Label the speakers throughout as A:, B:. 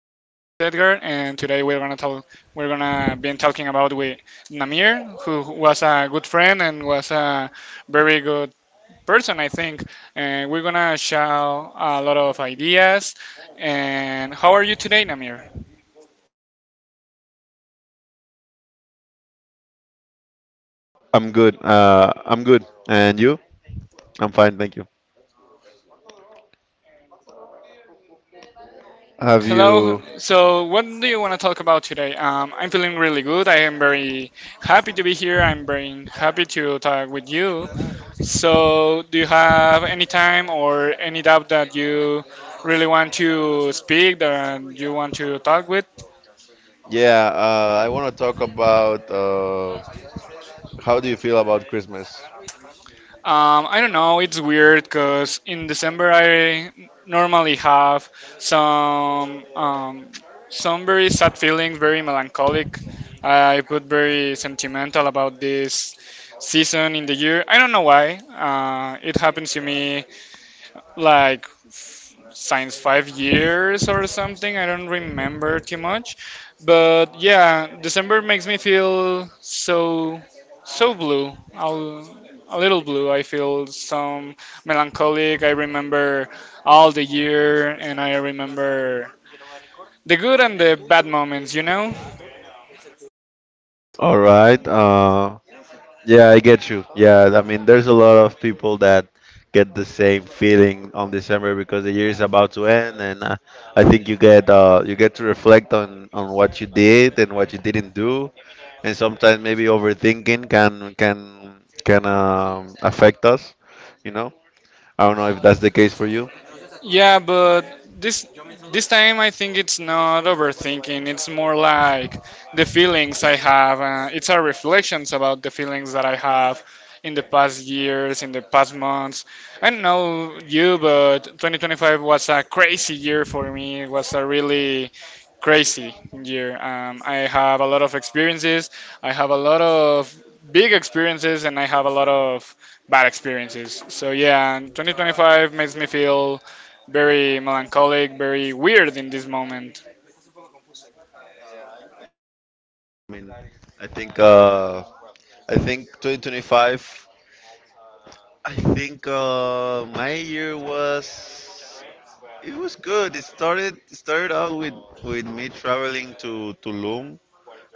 A: Edgar, and today we're gonna talk. We're gonna be talking about with Namir, who was a good friend and was a very good person, I think. And we're gonna share a lot of ideas. And how are you today, Namir?
B: I'm good. I'm good. And you? I'm fine, thank you. Have
A: Hello.
B: you?
A: So, what do you want to talk about today? I'm feeling really good. I am very happy to be here. I'm very happy to talk with you. So, do you have any time or any doubt that you really want to speak, that you want to talk with?
B: Yeah, I want to talk about how do you feel about Christmas?
A: I don't know, it's weird because in December I normally have some um, some very sad feelings, very melancholic. I put very sentimental about this season in the year. I don't know why. It happens to me like since 5 years or something. I don't remember too much, but yeah, December makes me feel so blue. I'll, a little blue. I feel some melancholic. I remember all the year, and I remember the good and the bad moments. You know.
B: All right. Yeah, I get you. Yeah, I mean, there's a lot of people that get the same feeling on December because the year is about to end, and I think you get to reflect on what you did and what you didn't do, and sometimes maybe overthinking can affect us, you know. I don't know if that's the case for you.
A: Yeah, but this this time I think it's not overthinking. It's more like the feelings I have. It's our reflections about the feelings that I have in the past years, in the past months. I don't know you, but 2025 was a crazy year for me. It was a really crazy year. I have a lot of experiences. I have a lot of big experiences, and I have a lot of bad experiences. So yeah, 2025 makes me feel very melancholic, very weird in this moment.
B: I mean, I think uh, I think 2025. I think my year was it was good. It started out with me traveling to Tulum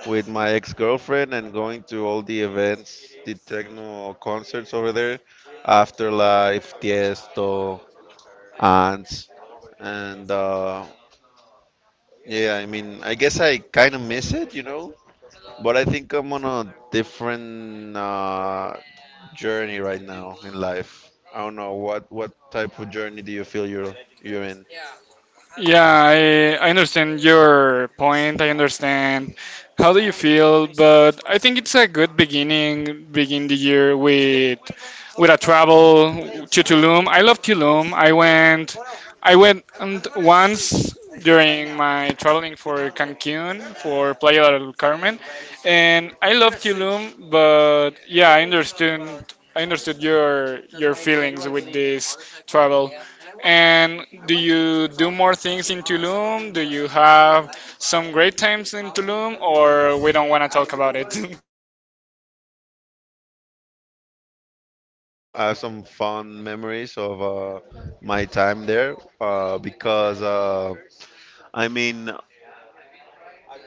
B: with my ex-girlfriend and going to all the events, the techno concerts over there, Afterlife, Tiesto, Ants, and yeah. I mean, I guess I kind of miss it. But I think I'm on a different journey right now in life. I don't know what type of journey do you feel you're in.
A: Yeah, I understand your point. I understand how do you feel, but I think it's a good beginning. Begin the year with a travel to Tulum. I love Tulum. I went and once during my traveling for Cancun for Playa del Carmen, and I love Tulum. But yeah, I understood your feelings with this travel. And do you do more things in Tulum? Do you have some great times in Tulum, or we don't want to talk about it?
B: I have some fond memories of my time there because I mean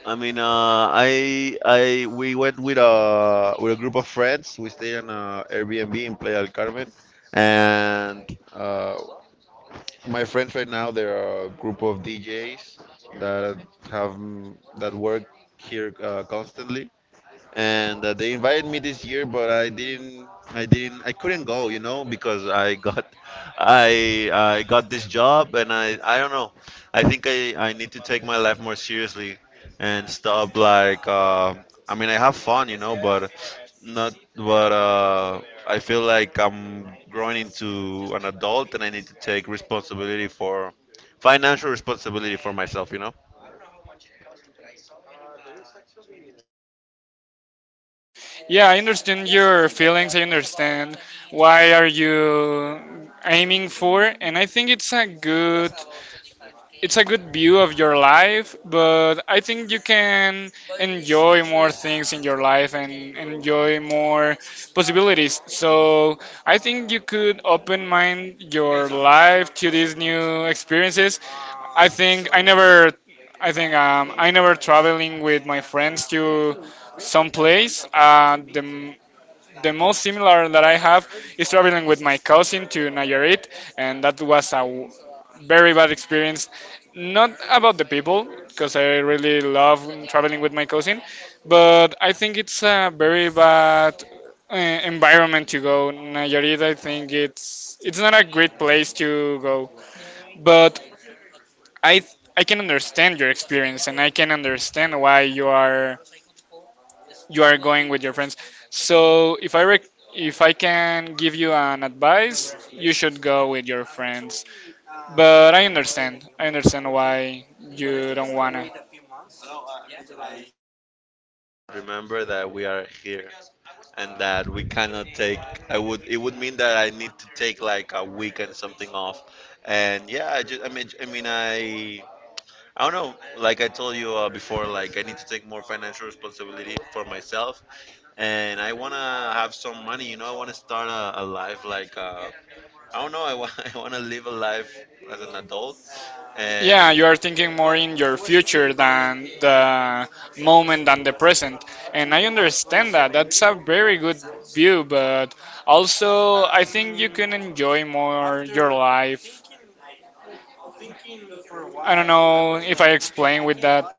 B: I mean I we went with a group of friends. We stayed in a Airbnb in Playa del Carmen, and my friends right now, they're a group of DJs that that work here constantly, and they invited me this year, but I didn't. I didn't. I couldn't go, you know, because I got this job, and I don't know. I think I need to take my life more seriously and stop like. I mean, I have fun, but not. But I feel like I'm growing into an adult, and I need to take responsibility for financial responsibility for myself.
A: Yeah, I understand your feelings. I understand why are you aiming for, and I think it's a good view of your life. But I think you can enjoy more things in your life and enjoy more possibilities. So I think you could open mind your life to these new experiences. I think I never I think I never traveling with my friends to some place. The the most similar that I have is traveling with my cousin to Nayarit, and that was a very bad experience. Not about the people, because I really love traveling with my cousin, but I think it's a very bad environment to go. Nayarit, I think it's not a great place to go, but I I can understand your experience, and I can understand why you are going with your friends. So if I if I can give you an advice, you should go with your friends. But I understand. I understand why you don't wanna.
B: Remember that we are here and that we cannot take I would it would mean that I need to take like a week and something off. And yeah, I just I mean I mean I don't know, like I told you before like I need to take more financial responsibility for myself, and I want to have some money, I want to start a life like I don't know, I want I want to live a life as an adult and
A: Yeah, you are thinking more in your future than the moment than the present. And I understand that. That's a very good view, but also I think you can enjoy more your life. I don't know if I explain with that.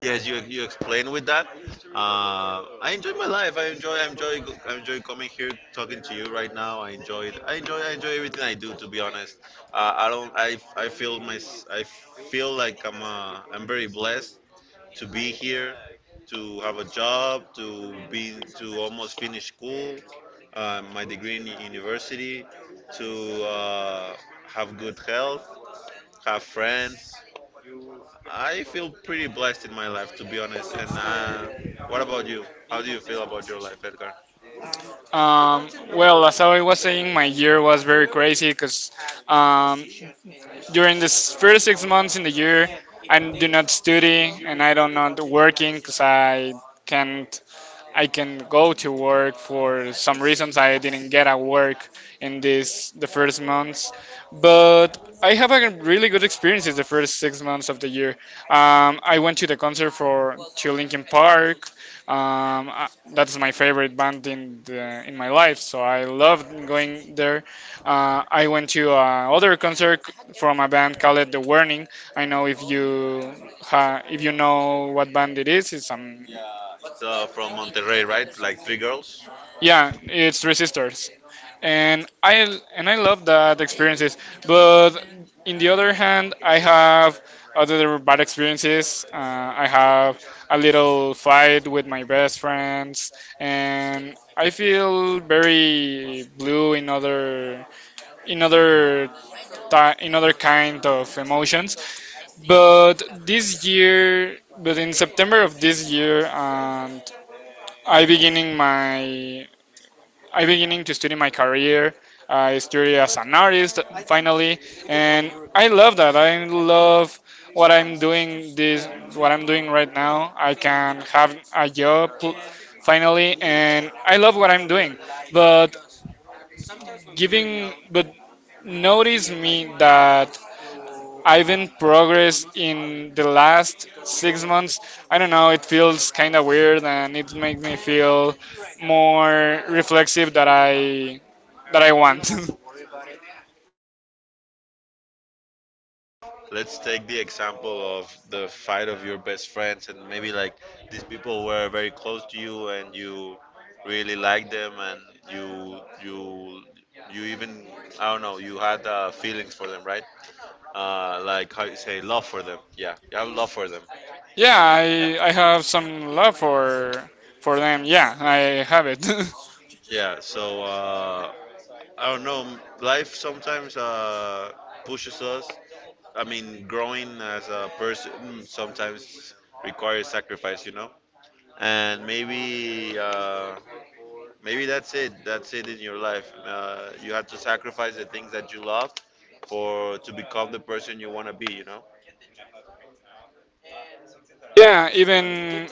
B: Yes, you explain with that. I enjoy my life. I enjoy coming here talking to you right now. I enjoy it. I enjoy everything I do. To be honest, I don't. I feel I like I'm very blessed to be here, to have a job, to almost finish school, my degree in university, to have good health, have friends. I feel pretty blessed in my life, to be honest. And what about you? How do you feel about your life, Edgar?
A: Well, as I was saying, my year was very crazy because during this first 6 months in the year, I do not study and I don't not working because I can't. I can go to work for some reasons. I didn't get a work in this the first months, but I have a really good experiences the first 6 months of the year. I went to the concert for to Linkin Park. Um, I, that's my favorite band in the, in my life, so I loved going there. I went to other concert from a band called The Warning. I know if you if you know what band it is. It's
B: So from Monterrey, right? Like three girls.
A: yeah, it's Three Sisters, and I love that experiences. But in the other hand, I have other bad experiences. I have a little fight with my best friends, and I feel very blue in other ti in other kind of emotions. But this year, but in September of this year, and I beginning my I beginning to study my career. I study as an artist finally, and I love that. I love what I'm doing this what I'm doing right now. I can have a job finally, and I love what I'm doing. But giving but notice me that I've progressed in the last 6 months. I don't know, it feels kind of weird and it makes me feel more reflexive that I want.
B: Let's take the example of the fight of your best friends, and maybe like these people were very close to you, and you really liked them, and you you you even I don't know, you had feelings for them, right? Like how you say love for them. Yeah, you have love for them.
A: Yeah, I have some love for them. Yeah, I have it.
B: Yeah, so I don't know. Life sometimes pushes us. I mean, growing as a person sometimes requires sacrifice, you know. And maybe that's it. That's it in your life. You have to sacrifice the things that you love for to become the person you want to be, you know.
A: Yeah, even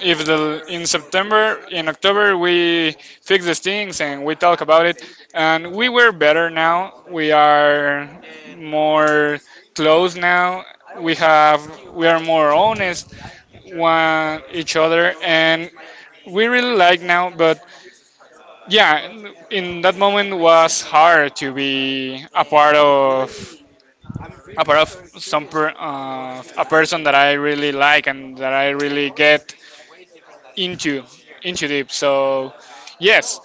A: if the in September, in October we fix these things and we talk about it, and we were better now. We are more close now. We have we are more honest one each other, and we really like now. But yeah, in that moment was hard to be a part of some a person that I really like and that I really get into into deep so yes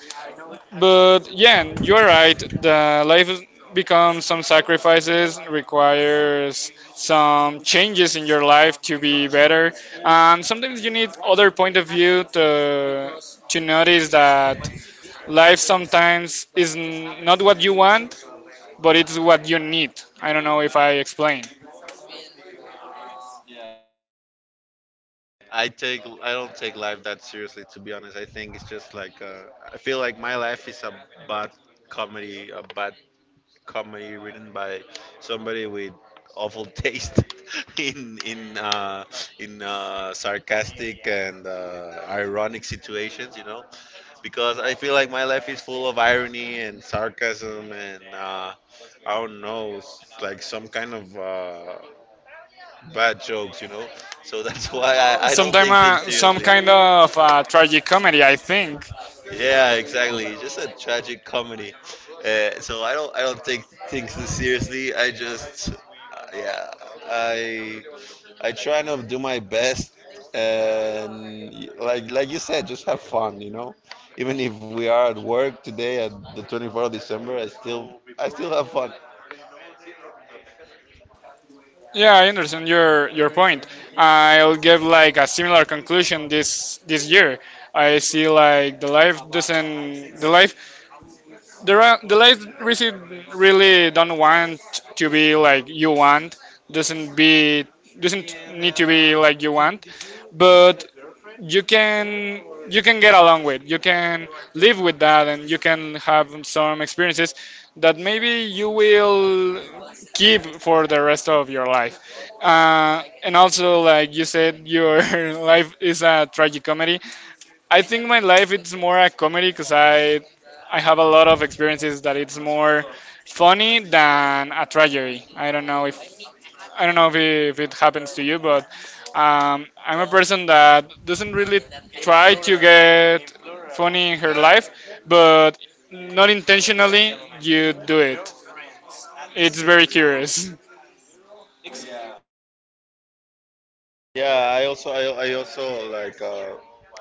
A: but yeah you're right the becomes some sacrifices requires some changes in your life to be better and sometimes you need other point of view to notice that life sometimes is not what you want but it's what you need. I don't know if I explained.
B: I don't take life that seriously, to be honest. I think it's just like, I feel like my life is bad a bad comedy written by somebody with awful taste in sarcastic and ironic situations, you know, because I feel like my life is full of irony and sarcasm and I don't know, like some kind of bad jokes, you know. So that's why I don't
A: Sometime
B: take things
A: some
B: seriously.
A: kind of tragic comedy I think.
B: Yeah, exactly. Just a tragic comedy. So I don't take things too seriously. I just yeah I I try to do my best and like you said, just have fun. Even if we are at work today at the 24th of December, I still have fun.
A: Yeah, I understand your point. I'll give like a similar conclusion this year. I see like the life doesn't the life the ra- the life really really don't want to be like you want doesn't be doesn't need to be like you want, but you can you can get along with you can live with that and you can have some experiences that maybe you will keep for the rest of your life. And also like you said your life is a tragic comedy. I think my life it's more a comedy because I have a lot of experiences that it's more funny than a tragedy. I don't know if I don't know if it happens to you, but I'm a person that doesn't really try to get funny in her life, but not intentionally you do it. It's very curious.
B: Yeah, I also I also like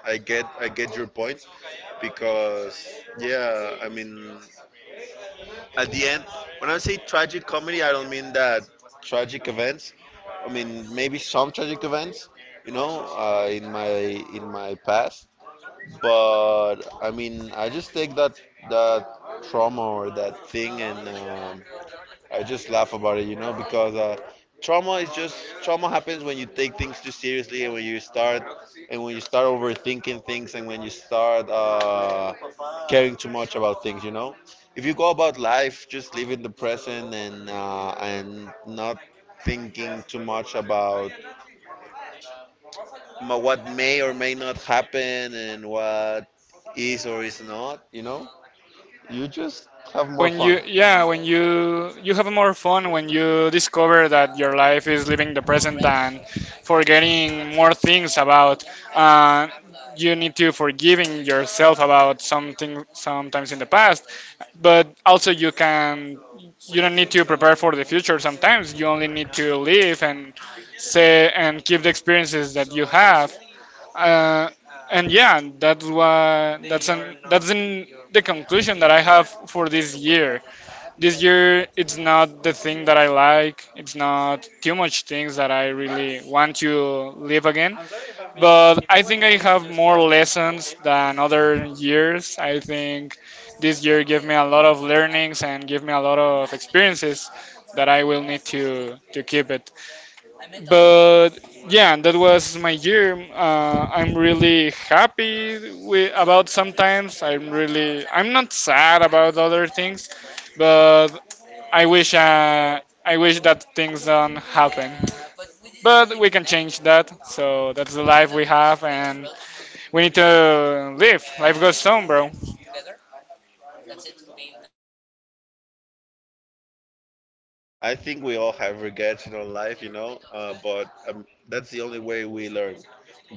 B: I get your point because yeah I mean at the end. When I say tragic comedy, I don't mean that tragic events. I mean maybe some tragic events, in my past. But I mean, I just take that trauma or that thing, and I just laugh about it, because trauma is just. Trauma happens when you take things too seriously, and when you start overthinking things, and when you start caring too much about things, you know. If you go about life, just live in the present, and and not thinking too much about what may or may not happen and what is or is not, you know? You just have more
A: When you
B: fun.
A: yeah when you have more fun when you discover that your life is living the present and forgetting more things about uh, you need to forgiving yourself about something sometimes in the past but also you can you don't need to prepare for the future sometimes you only need to live and say and keep the experiences that you have. uh, and yeah that's why that's an that's in the conclusion that I have for this year. This year it's not the thing that I like. It's not too much things that I really want to live again. But I think I have more lessons than other years. I think this year gave me a lot of learnings and gave me a lot of experiences that I will need to keep it. But yeah, that was my year. I'm really happy with, about sometimes. I'm really I'm not sad about other things but I wish that things don't happen, but we can change that. So that's the life we have, and we need to live. Life goes on, bro.
B: I think we all have regrets in our life, but that's the only way we learn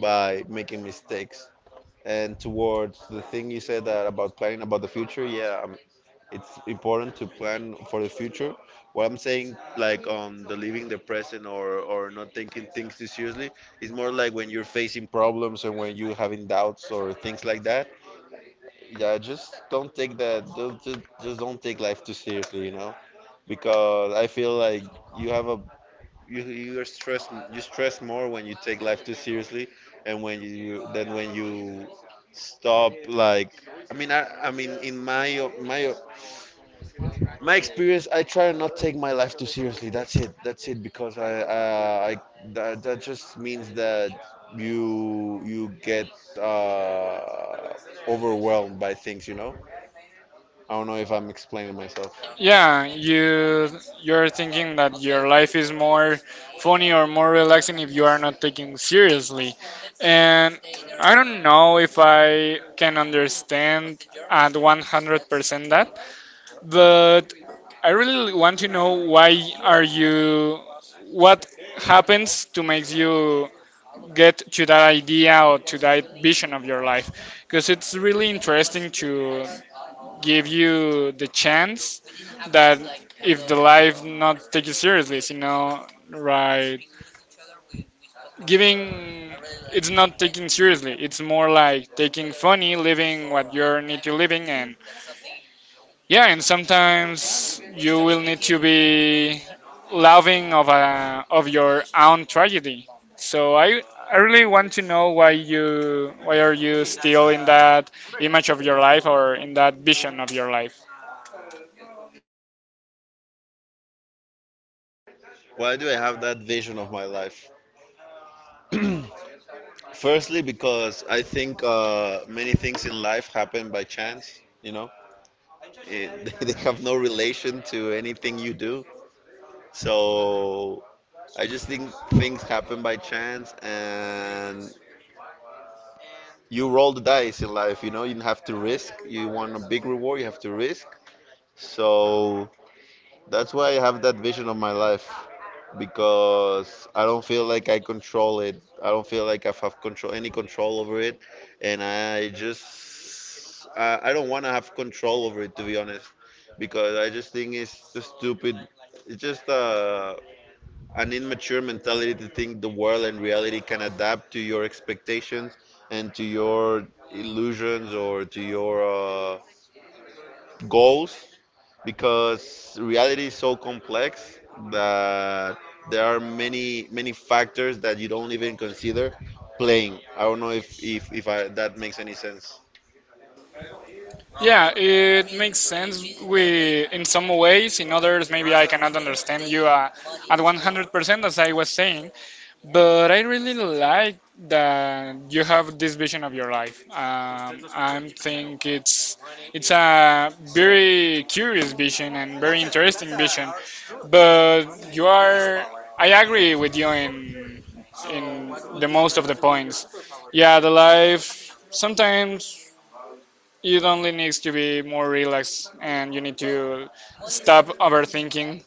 B: by making mistakes. And towards the thing you said that about planning about the future, yeah, it's important to plan for the future. What I'm saying, like on the living the present or not taking things too seriously, is more like when you're facing problems or when you're having doubts or things like that. Yeah, just don't take that. Don't, just don't take life too seriously, because I feel like you have a you're stressed you stress more when you take life too seriously and when you than when you stop like I mean, in my experience I try to not take my life too seriously. That's it, that's it, because I. That just means that you get uh, overwhelmed by things. I don't know if I'm explaining myself.
A: Yeah, you you're thinking that your life is more funny or more relaxing if you are not taking seriously, and I don't know if I can understand at 100% that, but I really want to know why are you what happens to make you get to that idea or to that vision of your life because it's really interesting to give you the chance that if the life not take you seriously you know right giving it's not taking seriously it's more like taking funny living what you need to living and yeah, and sometimes you will need to be loving of a, of your own tragedy. So I really want to know why you why are you still in that image of your life or in that vision of your life.
B: Why do I have that vision of my life? Firstly, because I think many things in life happen by chance. It, they have no relation to anything you do. So I just think things happen by chance, and you roll the dice in life. You have to risk. You want a big reward, you have to risk. So that's why I have that vision of my life, because I don't feel like I control it. I don't feel like I have control any control over it, and I just I don't want to have control over it, to be honest, because I just think it's just stupid. It's just an immature mentality to think the world and reality can adapt to your expectations and to your illusions or to your goals, because reality is so complex that there are many factors that you don't even consider playing. I don't know if that makes any sense.
A: Yeah, it makes sense. We in some ways, in others maybe I cannot understand you at 100% as I was saying, but I really like that you have this vision of your life. I think it's a very curious vision and very interesting vision. But you are, I agree with you in the most of the points. Yeah, the life sometimes it only needs to be more relaxed, and you need to stop overthinking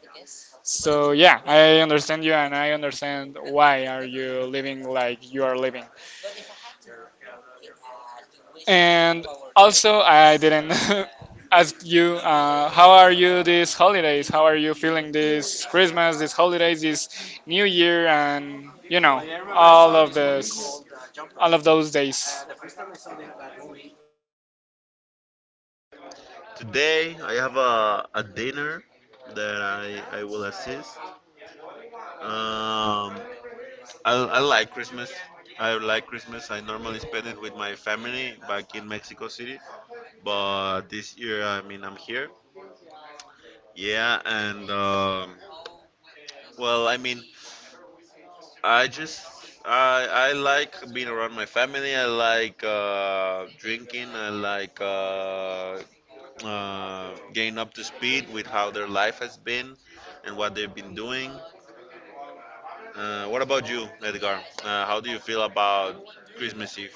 A: so yeah, I understand you and I understand why are you living like you are living. And also I didn't ask you how are you these holidays? How are you feeling this Christmas, these holidays, this New Year and all of this all of those days.
B: Today I have a dinner that I will assist. Um, I, I like Christmas. I like Christmas. I normally spend it with my family back in Mexico City, but this year, I mean, I'm here. Yeah, and well, I mean, I just I like being around my family. I like drinking. I like getting up to speed with how their life has been and what they've been doing. What about you, Edgar? How do you feel about Christmas Eve?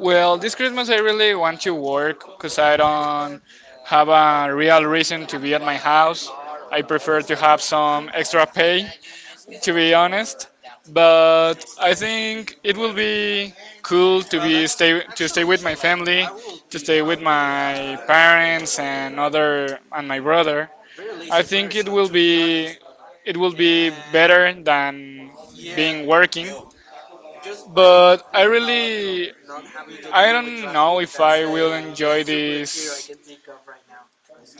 A: Well, this Christmas I really want to work because I don't have a real reason to be at my house. I prefer to have some extra pay, to be honest. But I think it will be cool to be stay to stay with my family, to stay with my parents and my brother. I think it will be better than being working. But I don't know if I will enjoy this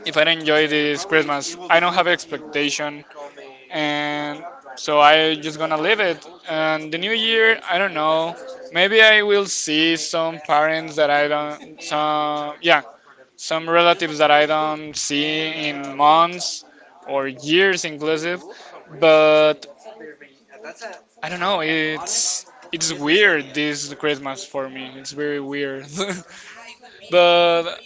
A: if I enjoy this Christmas. I don't have expectation, and so I just gonna leave it. And the new year, I don't know. Maybe I will see some parents that I don't, some, yeah, some relatives that I don't see in months or years inclusive. But I don't know, it's weird this Christmas for me. It's very weird. But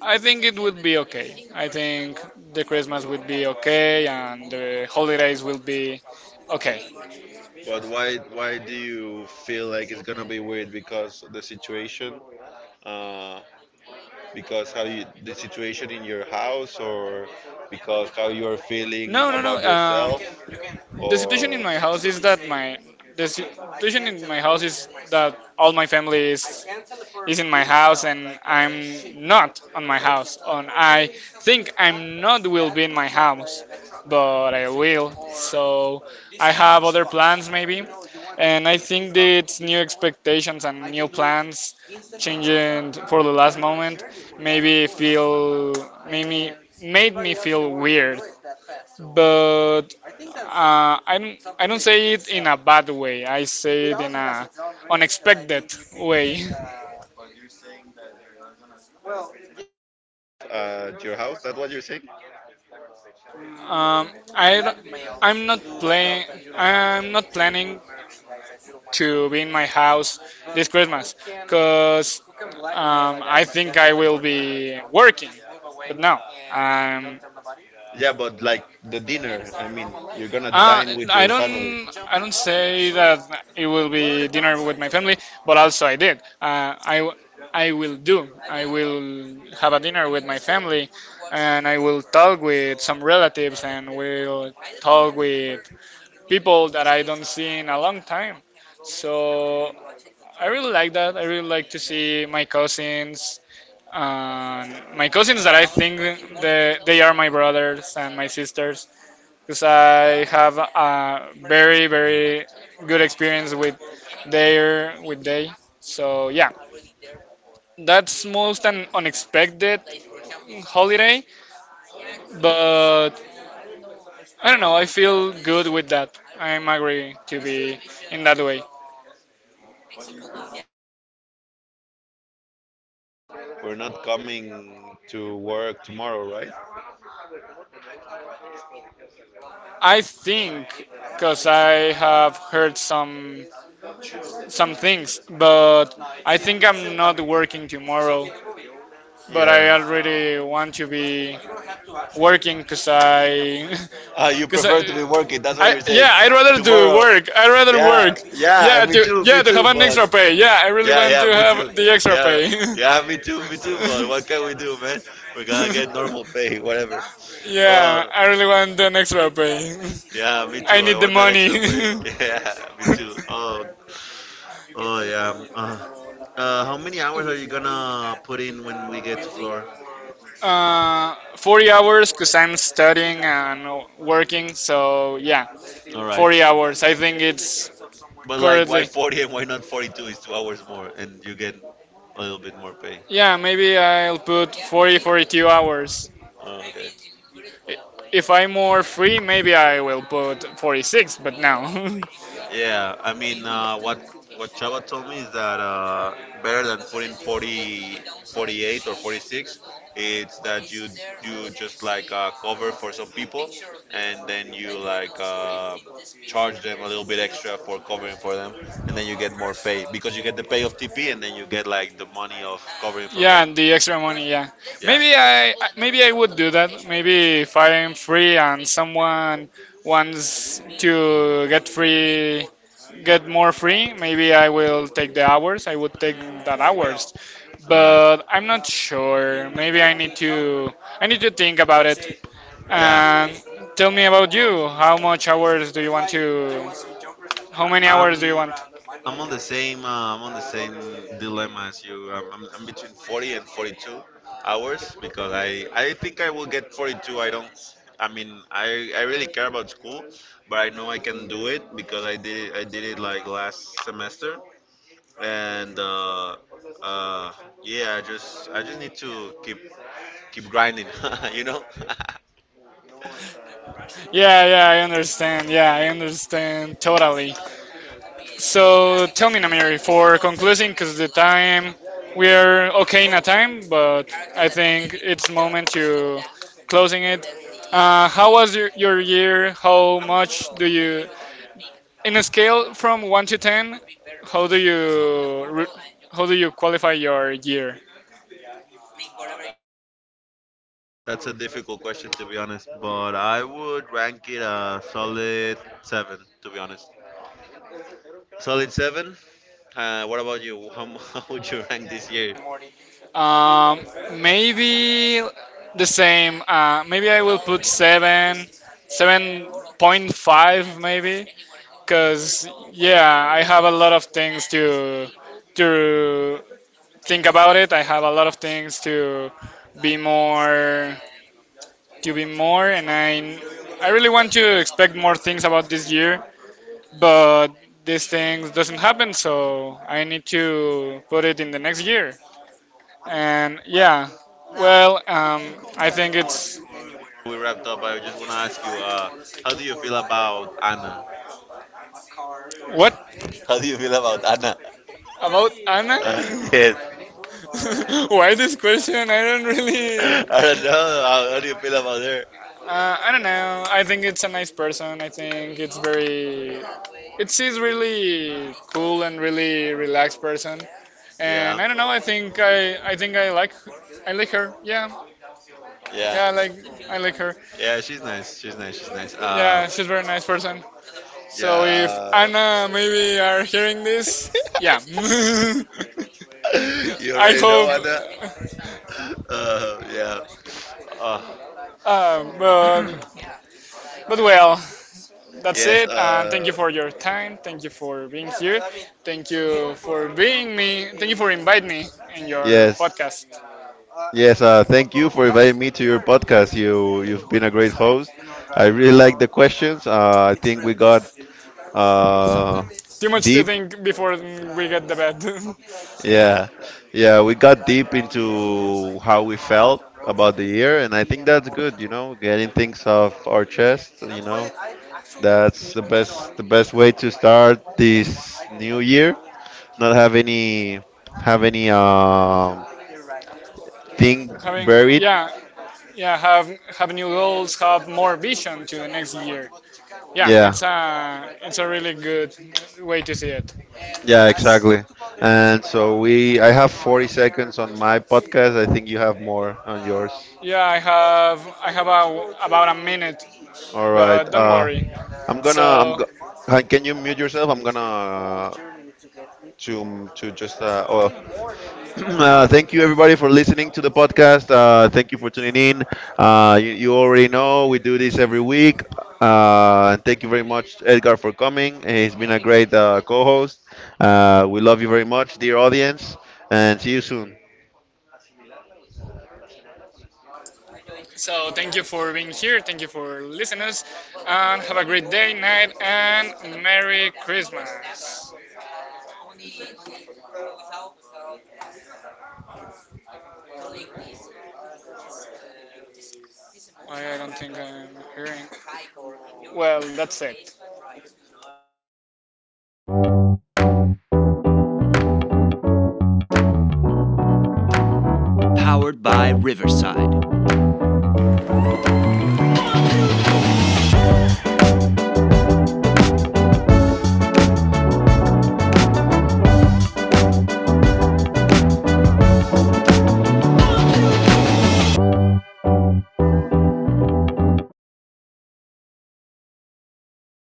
A: I think it would be okay. I think the Christmas would be okay and the holidays will be okay.
B: But why do you feel like it's gonna be weird because of the situation? Uh, because how you the situation in your house, or because how you are feeling
A: No, no, no.
B: about yourself,
A: The situation in
B: or
A: my house is that my the situation in my house is that all my family is in my house and I'm not on my house. And I think I'm not will be in my house, but I will. So I have other plans maybe. And I think that it's new expectations and new plans changing for the last moment maybe feel made me made me feel weird but I don't say it in a bad way. I say it in a unexpected way.
B: at your house? That's what you're saying?
A: Um, I don't, I'm not playing. I'm not planning to be in my house this Christmas because I think I will be working. But no, um,
B: Yeah, but like the dinner. I mean, you're gonna
A: uh,
B: dine with
A: I
B: your family.
A: don't. I don't say that it will be dinner with my family, but also I did. I will do. I will have a dinner with my family, and I will talk with some relatives, and will talk with people that I don't see in a long time. So I really like that. I really like to see my cousins and my cousins that I think they are my brothers and my sisters because I have a very very good experience with their with they. So yeah, that's most an unexpected holiday, but I don't know. I feel good with that. I'm agree to be in that way.
B: We're not coming to work tomorrow, right?
A: I think because I have heard some things, but I think I'm not working tomorrow. But I
B: Yeah.
A: already want to be working because I
B: You
A: because I,
B: prefer to be working. That's what
A: I
B: you're saying.
A: yeah, I'd rather do
B: Tomorrow.
A: work. I'd rather
B: Yeah,
A: work.
B: yeah. Me too. Me
A: Yeah, to have
B: too.
A: an
B: But
A: extra pay. Yeah, I really
B: yeah,
A: want
B: yeah.
A: to
B: Me too.
A: have the extra
B: Yeah,
A: pay.
B: yeah. Me too. Me too. But what can we do, man? We're gonna get normal pay, whatever.
A: Yeah,
B: Oh,
A: I really want an extra pay.
B: yeah. Me
A: I
B: too. I
A: need the
B: want that extra pay.
A: money.
B: Yeah, me too. Oh, oh yeah. How many hours are you gonna put in when we get to Florida?
A: 40 hours because I'm studying and working. So yeah,
B: All right.
A: 40 hours. I think it's
B: But like, why
A: currently.
B: 40 and why not 42? It's 2 hours more, and you get a little bit more pay.
A: Yeah, maybe I'll put 40, 42 hours.
B: Oh, okay.
A: If I'm more free, maybe I will put 46. But now,
B: Yeah, I mean, what Chava told me is that better than putting 40, 48 or 46, it's that you just like cover for some people, and then you like charge them a little bit extra for covering for them, and then you get more pay because you get the pay of TP, and then you get like the money of covering from them.
A: yeah, and the extra money. Yeah,
B: Yeah.
A: maybe I would do that. Maybe if I'm free and someone wants to get free, get more free, maybe I will take the hours. I would take that hours
B: All right.
A: but I'm not sure. Maybe I need to think about it.
B: Yeah.
A: And tell me about you. How many
B: I'm
A: hours do you want?
B: I'm on the same I'm on the same dilemma as you. I'm between 40 and 42 hours because I think I will get 42. I don't. I mean, I really care about school, but I know I can do it because I did it like last semester, and uh, yeah, I just need to keep grinding, you know.
A: Yeah, yeah, I understand. Yeah, I understand totally. So tell me, Namiri, for concluding, because the time we are okay in a time, but I think it's moment to closing it. How was your year? How much do you In a scale from 1 to 10, how do you re- how do you qualify your year?
B: That's a difficult question, to be honest, but I would rank it a solid seven, to be honest. Solid seven. What about you? How, how would you rank this year?
A: um, Maybe the same, maybe I will put 7, 7.5 maybe, because yeah I have a lot of things to to think about it. I have a lot of things be more to be more and I really want to expect more things about this year, but these things doesn't happen so I need to put it in the next year. And yeah, well, I think it's
B: We wrapped up. I just want to ask you, how do you feel about Anna?
A: what
B: How do you feel about Anna?
A: about Anna?
B: Yes.
A: Why this question? I don't really.
B: I don't know. How do you feel about her?
A: I don't know, I think it's a nice person. I think it's very, it's, she's really cool and really relaxed person.
B: Yeah.
A: And I don't know, I think I think I like her. Yeah,
B: Yeah.
A: yeah, I like her.
B: Yeah. She's nice. She's nice. She's nice.
A: Yeah, she's a very nice person. So if
B: Yeah.
A: Anna maybe are hearing
B: Uh,
A: this, yeah.
B: You
A: I
B: already know
A: hope.
B: what yeah. Uh,
A: Um, but, but well, that's
B: yes.
A: it. And thank you for your time. Thank you for being here. Thank you for being me. Thank you for inviting me in your
B: Yes.
A: podcast.
B: Yes. Thank you for inviting me to your podcast. You've been a great host. I really like the questions. I think we got uh,
A: Too much to
B: deep.
A: think before we get the bed.
B: Yeah, yeah, we got deep into how we felt about the year, and I think that's good. Getting things off our chest. That's the best way to start this new year. Not have any have any uh, thing
A: Having,
B: buried.
A: yeah, yeah, have new goals, have more vision to the next year. Yeah,
B: Yeah,
A: it's a really good way to see it.
B: yeah, exactly. And so we I have 40 seconds on my podcast. I think you have more on yours.
A: Yeah, I have a, about a minute,
B: All right.
A: but don't worry
B: I'm gonna I'm
A: so
B: go- Han, can you mute yourself? I'm gonna to just oh thank you everybody for listening to the podcast. Thank you for tuning in. You already know we do this every week. And thank you very much, Edgar, for coming. He's been a great co-host. We love you very much, dear audience, and see you soon.
A: so thank you for being here, thank you for listening us, and have a great day, night, and Merry Christmas. I don't think I'm hearing well. That's it.